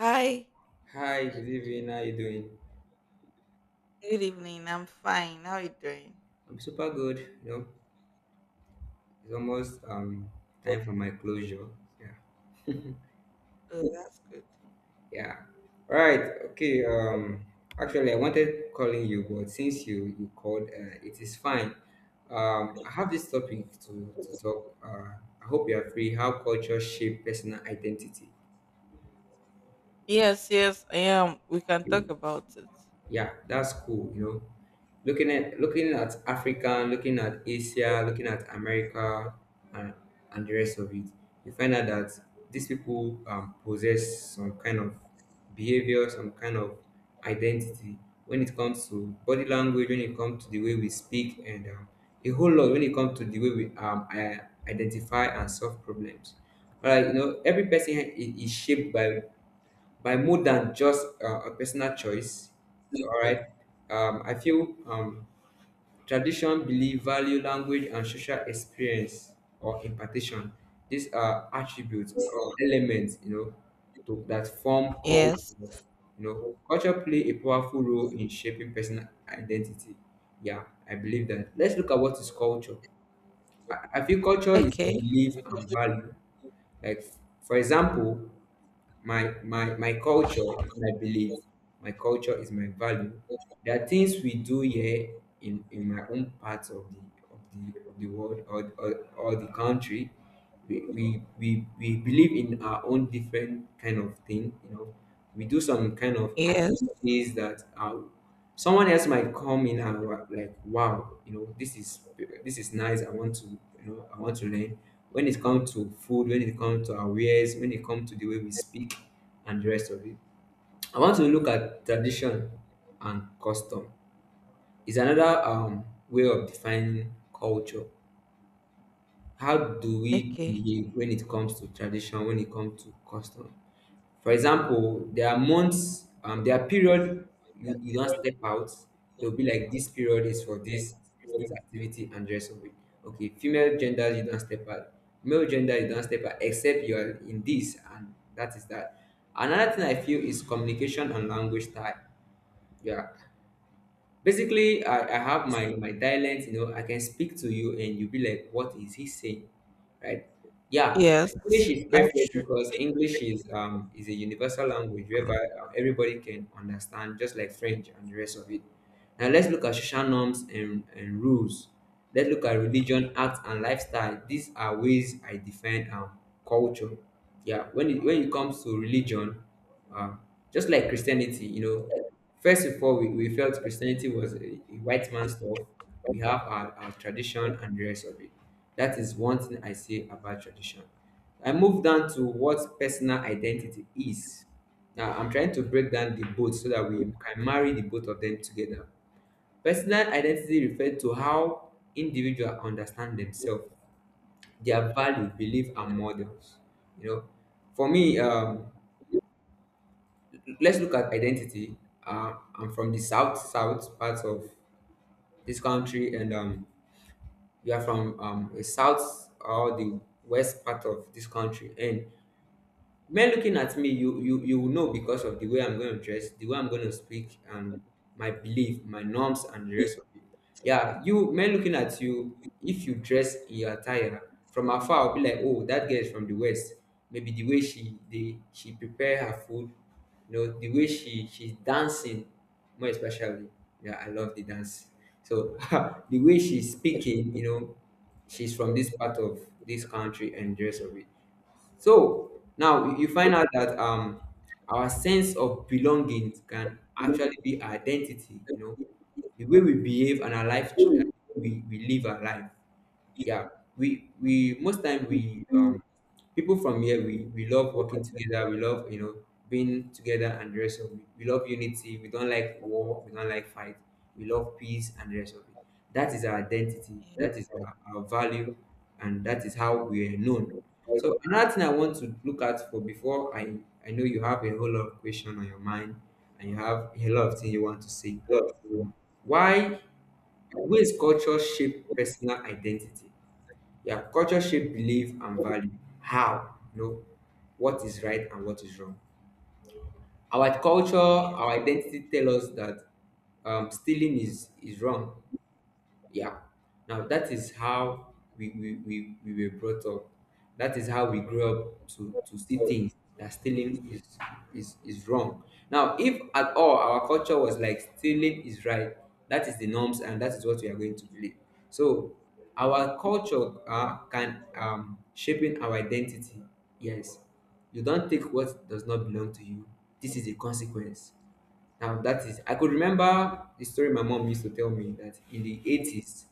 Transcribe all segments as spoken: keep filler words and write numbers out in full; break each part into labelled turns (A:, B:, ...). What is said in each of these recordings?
A: Hi,
B: Hi, good evening. How you doing?
A: good evening. I'm fine. How are you doing?
B: I'm super good. You know, it's almost um time for my closure. Yeah,
A: Oh, that's good.
B: yeah. All right. Okay. Um, actually, I wanted calling you, but since you you called, uh, it is fine. Um, I have this topic to to talk. Uh, I hope you are free. How culture shape personal identity.
A: Yes, yes, I am. We can talk about it.
B: Yeah, that's cool, you know, looking at looking at Africa, looking at Asia, looking at America, and, and the rest of it. You find out that these people um, possess some kind of behavior, some kind of identity when it comes to body language, when it comes to the way we speak, and um, a whole lot when it comes to the way we um, i- identify and solve problems. All right, you know, every person i- is shaped by by more than just uh, a personal choice. All right, um, I feel um, tradition, belief, value, language, and social experience or impartation. These are attributes, are elements, you know, to that form culture.
A: Yes.
B: You know, culture play a powerful role in shaping personal identity. Yeah, I believe that. Let's look at what is culture. I, I feel culture is a
A: Okay.
B: belief and value. Like, for example, my my my culture is my belief, my culture is my value. There are things we do here in in my own part of the of the of the world, or or, or the country. We, we we we believe in our own different kind of thing, you know, we do some kind of
A: Yes.
B: activities that are. Someone else might come in and wa- like, wow, you know, this is this is nice. I want to, you know, I want to learn. When it comes to food, when it comes to our wares, when it comes to the way we speak, and the rest of it. I want to look at tradition and custom. It's another um, way of defining culture. How do we
A: Okay.
B: behave when it comes to tradition, when it comes to custom? For example, there are months, um, there are period, you, you don't step out. They'll be like this period is for this this activity and the rest of it. Okay, female gender you don't step out. Male gender you don't step out except you are in this and that is that. Another thing I feel is communication and language style. Yeah. Basically, I, I have my my dialect, you know, I can speak to you and you'll be like, what is he saying? Right? Yeah.
A: Yes.
B: English is
A: That's
B: perfect
A: true.
B: because English is um is a universal language whereby uh, everybody can understand, just like French and the rest of it. Now let's look at social norms and, and rules. Let's look at religion, acts, and lifestyle. These are ways I define um culture. Yeah, when it when it comes to religion, uh, just like Christianity, you know, first of all, we, we felt Christianity was a, a white man's stuff. We have our, our tradition and the rest of it. That is one thing I say about tradition. I move down to what personal identity is. Now, I'm trying to break down the both so that we can marry the both of them together. Personal identity refers to how individuals understand themselves, their value, belief, and models. You know, for me, um, let's look at identity. Uh, I'm from the south south part of this country, and um, we are from um, the south or the west part of this country, and men looking at me, you you you will know because of the way I'm going to dress, the way I'm going to speak, and my belief, my norms, and the
A: Yeah.
B: rest of it. Yeah, you men looking at you, if you dress in your attire, from afar I'll be like, oh, that girl is from the west. Maybe the way she the she prepare her food, you know, the way she she's dancing more especially. Yeah, I love the dance. So the way she's speaking, you know, she's from this part of this country and the rest of it. So now you find out that um our sense of belonging can actually be our identity, you know, the way we behave and our life. uh, we, we live our life.
A: Yes.
B: Yeah, we we most time we um people from here, we we love working together, we love, you know, being together and the rest of it. We love unity, we don't like war, we don't like fight, we love peace and the rest of it. That is our identity, that is our, our value, and that is how we are known. So another thing I want to look at for before i I know you have a whole lot of question on your mind, and you have a lot of things you want to say. Why? Ways culture shape personal identity. Yeah, culture shape belief and value. How, you know, what is right and what is wrong. Our culture,
A: Yeah.
B: our identity tell us that um, stealing is is wrong. Yeah. Now that is how we we, we, we were brought up. That is how we grew up to, to see things that stealing is, is is wrong. Now, if at all our culture was like stealing is right, that is the norms and that is what we are going to believe. So our culture uh, can um shaping our identity. Yes. You don't take what does not belong to you. This is a consequence. Now that is I could remember the story my mom used to tell me that in the eighties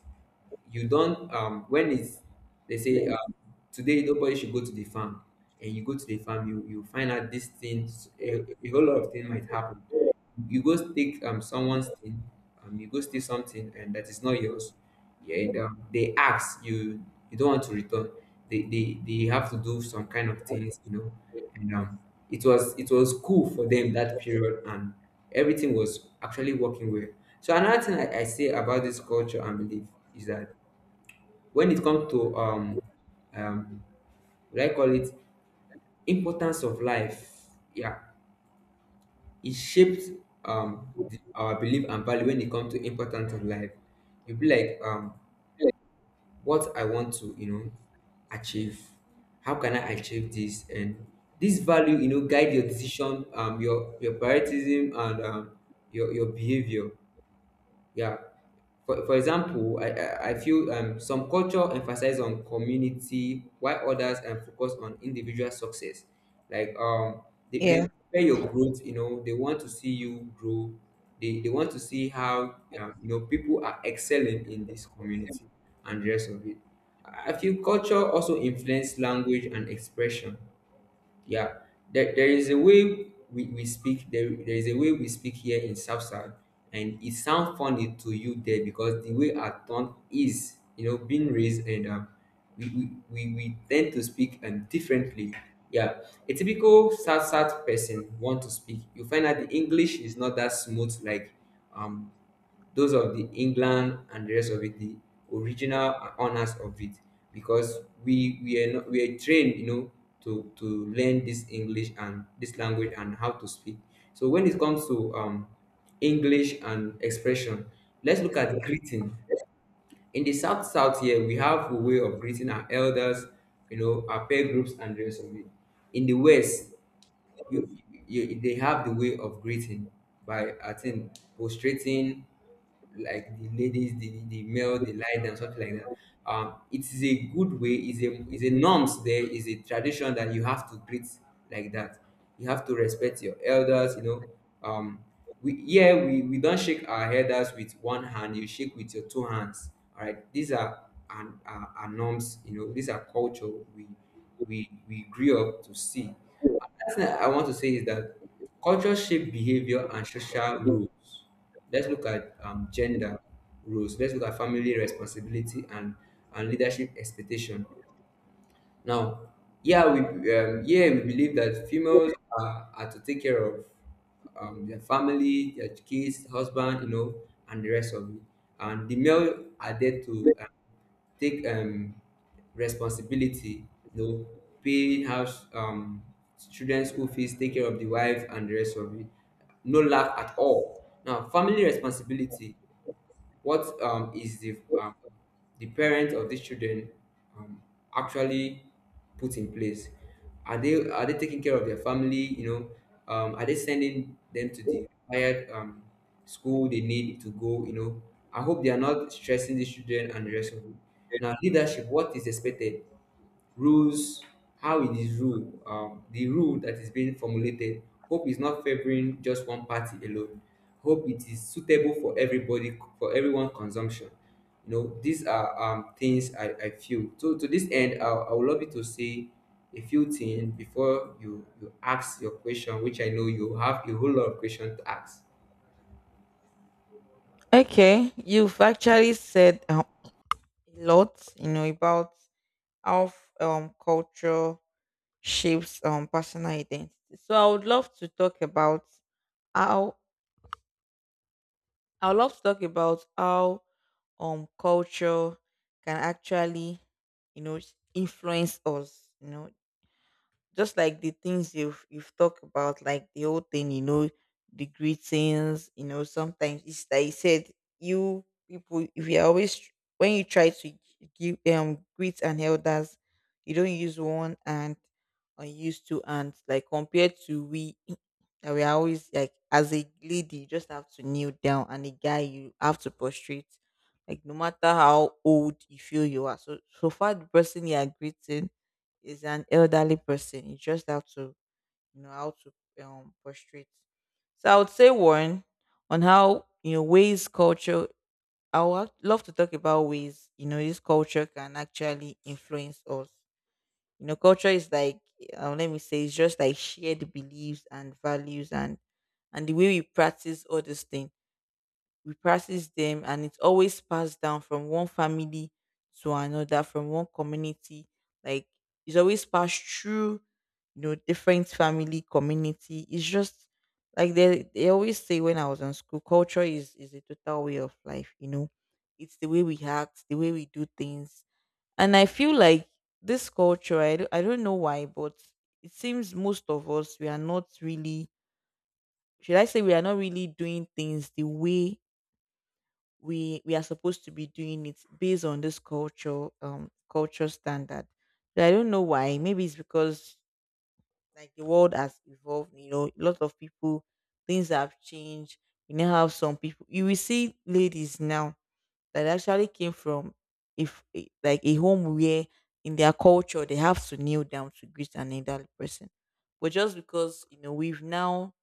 B: you don't um when it's they say, um, today nobody should go to the farm, and you go to the farm, you you find out these things, a, a whole lot of things might happen. You go take um someone's thing, um you go steal something and that is not yours. Yeah, and um, they ask you, you don't want to return. They, they they have to do some kind of things, you know. And um it was it was cool for them that period, and everything was actually working well. So another thing I, I say about this culture and belief is that when it comes to um um will I call it importance of life. Yeah, it shapes um the, our belief and value when it comes to importance of life. You'll be like, um what I want to, you know, achieve. How can I achieve this? And this value, you know, guide your decision, um your your prioritism, and um your your behavior. Yeah. For, for example, I, I, I feel um, some culture emphasize on community while others um, focus on individual success. Like, um, they, they compare your growth, you know, they want to see you grow. They, they want to see how, um, you know, people are excelling in this community and the rest of it. I I feel culture also influence language and expression. Yeah, there, there is a way we, we speak, there, there is a way we speak here in South South, and it sounds funny to you there because the way our tongue is, you know, being raised, and um, we, we, we, we tend to speak um, differently. Yeah, a typical South South person want to speak. You find out the English is not that smooth like um those of the England and the rest of it, the original honors of it, because we we are not, we are trained, you know, to to learn this English and this language and how to speak. So when it comes to um, English and expression, let's look at greeting. In the South South here, we have a way of greeting our elders, you know, our peer groups and the rest of it. In the West, you, you they have the way of greeting by, I think, prostrating, like the ladies, the, the male, the lie down, something like that. Um, it is a good way, is a is a norms there, is a tradition that you have to greet like that. You have to respect your elders, you know. Um, we yeah, we, we don't shake our elders with one hand, you shake with your two hands. All right, these are and are, are norms, you know, these are culture we we we grew up to see. Last thing I want to say is that culture shape behavior and social roles. Let's look at um, gender roles. Let's look at family responsibility and, and leadership expectation. Now, yeah, we um, yeah, we believe that females are, are to take care of um, their family, their kids, husband, you know, and the rest of it. And the male are there to take um responsibility, you know, paying house, um students school fees, take care of the wife and the rest of it. No lack at
A: Yes.
B: all. Now, family responsibility, what um, is the um, the parent of these children um, actually put in place? Are they are they taking care of their family? You know, um, are they sending them to the required um, school they need to go? You know, I hope they are not stressing these children and the rest of it. Now, leadership, what is expected? Rules, how it is rule, um the rule that is being formulated, hope is not favoring just one party alone, hope it is suitable for everybody, for everyone consumption. You know, these are um things i i feel. So to this end, i, I would love you to say a few things before you you ask your question, which I know you have a whole lot of questions to ask.
A: Okay. You've actually said uh, a lot, you know, about how f- um culture shapes um personal identity. So I would love to talk about how I would love to talk about how um culture can actually, you know, influence us. You know, just like the things you've you've talked about, like the whole thing, you know, the greetings. You know, sometimes it's like you said, you people, if you are always tr- when you try to give um greet and elders, you don't use one and or use two and, like compared to we that we are always, like, as a lady, you just have to kneel down, and a guy, you have to prostrate. Like, no matter how old you feel you are. So so far the person you are greeting is an elderly person, you just have to, you know, how to um prostrate. So I would say one on how, you know, ways culture. I would love to talk about ways, you know, this culture can actually influence us. You know, culture is like, um, let me say it's just like shared beliefs and values, and and the way we practice all these things. We practice them, and it's always passed down from one family to another, from one community. Like, it's always passed through, you know, different family community. It's just like they they always say, when I was in school, culture is is a total way of life, you know. It's the way we act, the way we do things. And I feel like this culture, I don't, I don't know why, but it seems most of us, we are not really, should I say, we are not really doing things the way we we are supposed to be doing it based on this culture um culture standard. But I don't know why. Maybe it's because, like, the world has evolved, you know. A lot of people, things have changed. We now have some people, you will see ladies now that actually came from, if a- like, a home where, in their culture, they have to kneel down to greet an elderly person. But just because, you know, we've now,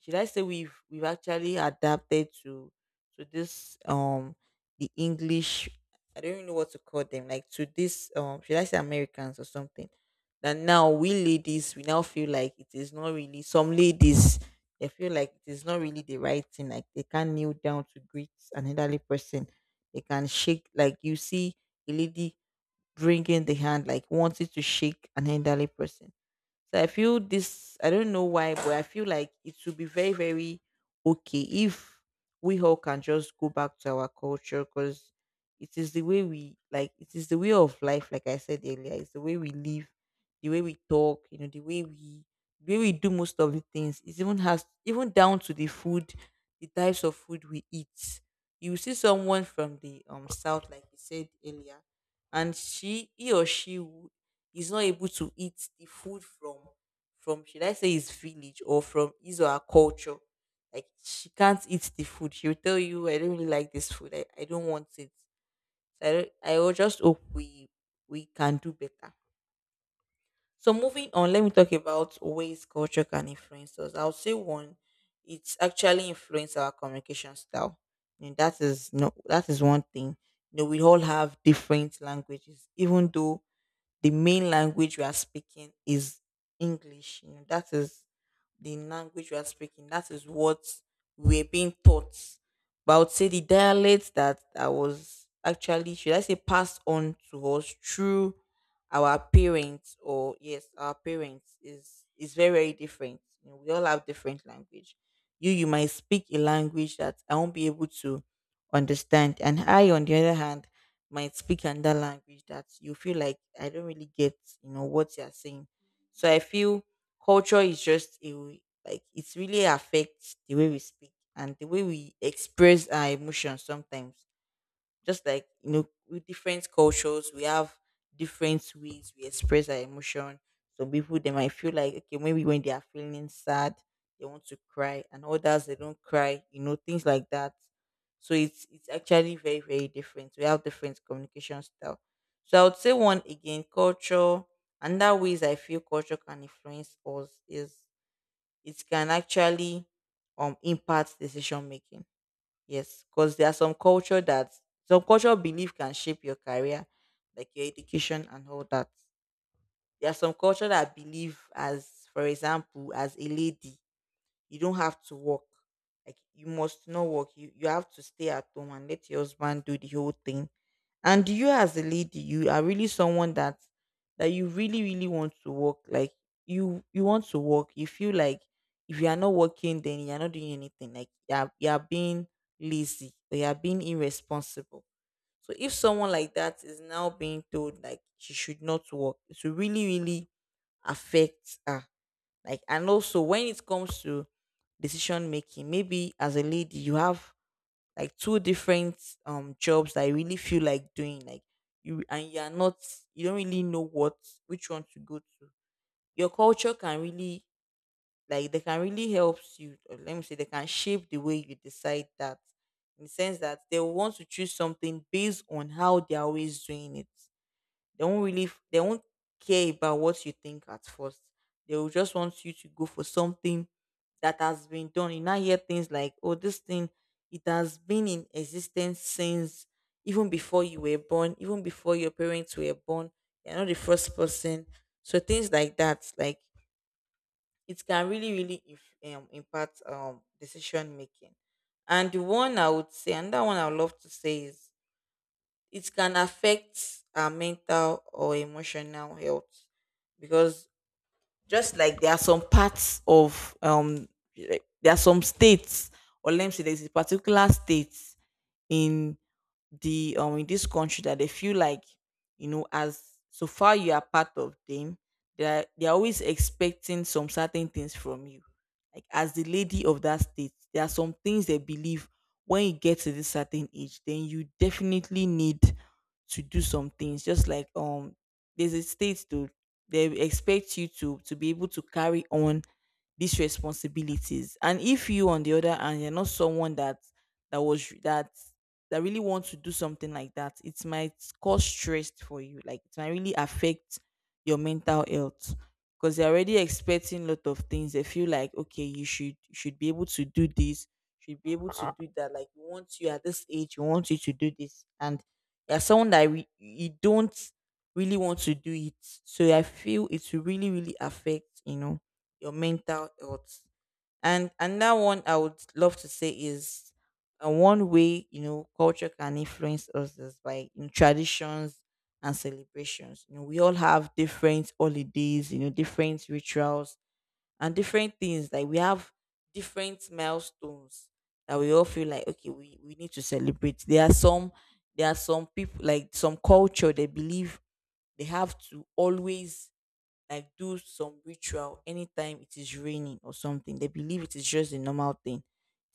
A: should I say, we've we've actually adapted to to this, um the English, I don't even know what to call them, like, to this, um should I say, Americans or something, that now we ladies, we now feel like it is not really, some ladies, they feel like it is not really the right thing, like, they can kneel down to greet an elderly person, they can shake, like, you see a lady bringing the hand, like wanting to shake an elderly person. So I feel this, I don't know why, but I feel like it would be very, very okay if we all can just go back to our culture. Because it is the way we, like, it is the way of life, like I said earlier. It's the way we live, the way we talk, you know, the way we. The way we do most of the things, it even has, even down to the food, the types of food we eat. You see someone from the um south, like you said earlier, and she he or she will is not able to eat the food from from should I say, his village or from his or her culture. Like, she can't eat the food. She'll tell you, I don't really like this food. I, I don't want it. So I don't, I will just hope we we can do better. So moving on, let me talk about ways culture can influence us. I'll say one, it's actually influence our communication style. And that is no, that is one thing. You know, we all have different languages, even though the main language we are speaking is English. You know, that is the language we are speaking. That is what we're being taught. But I would say the dialect that I was actually, should I say, passed on to us through our parents, or yes, our parents, is is very, very different. You know, we all have different language. You you might speak a language that I won't be able to understand, and I, on the other hand, might speak another language that you feel like I don't really get, you know, what you're saying. So I feel culture is just a w- like, it really affects the way we speak and the way we express our emotions sometimes. Just like, you know, with different cultures, we have different ways we express our emotion. Some people, they might feel like, okay, maybe when they are feeling sad, they want to cry, and others, they don't cry. You know, things like that. So it's it's actually very, very different. We have different communication style. So I would say one again, culture. Another ways I feel culture can influence us is, it can actually um impact decision making. Yes, because there are some culture that, some cultural belief can shape your career, like your education and all that. There are some culture that believe, as for example, as a lady, you don't have to work. Like, you must not work. You you have to stay at home and let your husband do the whole thing. And you, as a lady, you are really someone that, that you really, really want to work. Like, you you want to work. You feel like, if you are not working, then you are not doing anything. Like, you are you are being lazy, or you are being irresponsible. So if someone like that is now being told like she should not work, it will really, really affect her. Like, and also, when it comes to decision making, maybe as a lady, you have, like, two different um jobs that you really feel like doing. Like, you and you're not, you don't really know what, which one to go to. Your culture can really, like, they can really help you, or let me say they can shape the way you decide, that, in the sense that they will want to choose something based on how they're always doing it. They won't really f- they won't care about what you think at first. They will just want you to go for something that has been done. You now hear things like, oh, this thing, it has been in existence since even before you were born, even before your parents were born. You're not the first person. So things like that, like, it can really, really if, um, impact um decision making. And the one I would say, and that one I would love to say is, it can affect our mental or emotional health. Because, just like, there are some parts of um like, there are some states, or let me say there's a particular state in the um in this country, that they feel like, you know, as so far you are part of them, they're they're always expecting some certain things from you. Like, as the lady of that state, there are some things they believe, when you get to this certain age, then you definitely need to do some things. Just like, um there's a state too, they will expect you to to be able to carry on these responsibilities. And if you, on the other hand, you're not someone that, that was that that really wants to do something like that, it might cause stress for you. Like, it might really affect your mental health. Because they're already expecting a lot of things. They feel like, okay, you should you should be able to do this, should be able to do that. Like, we want you at this age, we want you to do this. And you're someone that re- you don't really want to do it. So I feel it will really, really affect, you know, your mental health. And another one I would love to say is, uh, one way, you know, culture can influence us is by in traditions and celebrations. You know, we all have different holidays, you know, different rituals and different things. Like, we have different milestones that we all feel like, okay, we, we need to celebrate. There are some, there are some people, like, some culture, they believe they have to always, like, do some ritual anytime it is raining or something. They believe it is just a normal thing.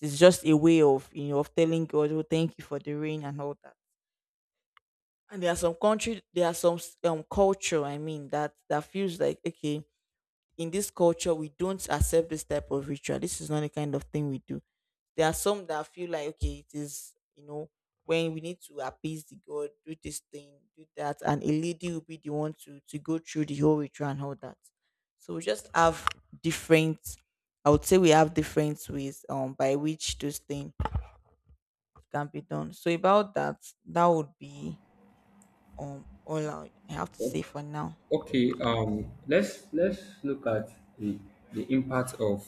A: It's just a way of, you know, of telling God, "Oh, thank you for the rain and all that." And there are some country, there are some s- um culture, I mean, that that feels like, okay, in this culture we don't accept this type of ritual, this is not the kind of thing we do. There are some that feel like, okay, it is, you know, when we need to appease the god, do this thing, do that, and a lady will be the one to to go through the whole ritual and all that. So we just have different, I would say we have different ways um by which this thing can be done. So about that, that would be um all i I have to say for now.
B: Okay, um, let's let's look at the the impact of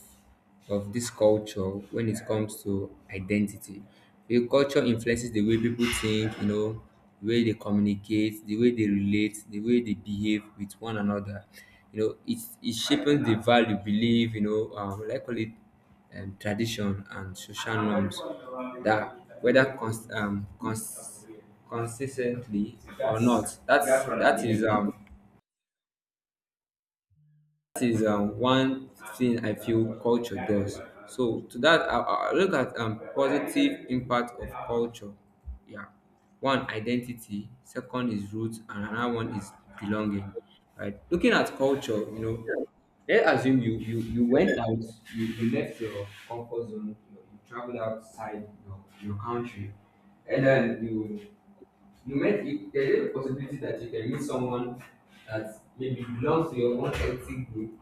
B: of this culture when it comes to identity. The culture influences the way people think, you know, the way they communicate, the way they relate, the way they behave with one another. You know, it it shapes the value, belief, you know, um, like call it um, tradition and social norms that, whether cons- um, cons- consistently or not. That's that is um that is um, one thing I feel culture does. So to that, I, I look at um, positive impact of culture. Yeah, one, identity; second is roots; and another one is belonging. Right, looking at culture, you know, let's assume you you you went out, you, you left your comfort zone, you, you traveled outside your, your country, and then you you met. There is a possibility that you can meet someone that maybe belongs to your own ethnic group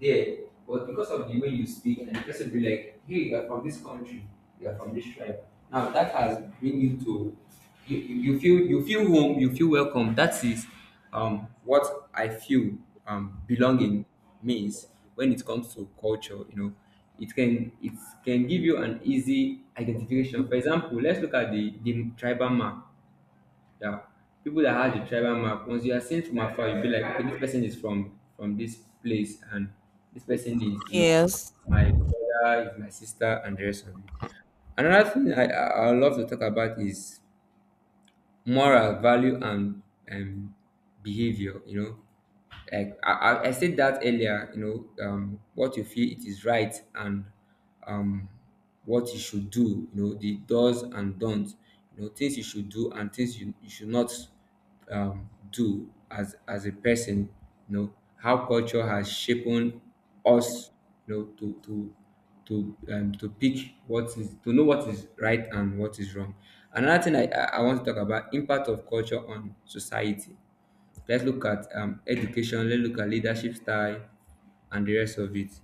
B: there, but because of the way you speak, and the person will be like, hey, you're from this country, you're from this tribe. Now that has bring you to you, you you feel, you feel home, you feel welcome. That is um what I feel um belonging means when it comes to culture, you know. It can, it can give you an easy identification. For example, let's look at the, the tribal map, yeah. People that have the tribal map, once you are seen from afar, you'll be like, okay, this person is from from this place, and this person is, you know,
A: Yes.
B: my brother, is my sister, and the rest of it. Another thing I, I, I love to talk about is moral value and um, behavior, you know, like I, I I said that earlier. You know, um, what you feel it is right and um, what you should do, you know, the does and don'ts, you know, things you should do and things you, you should not um, do as as a person. You know how culture has shaped us, you know, to to to um, to pick what is, to know what is right and what is wrong. Another thing I, I I want to talk about impact of culture on society. Let's look at um education, let's look at leadership style and the rest of it.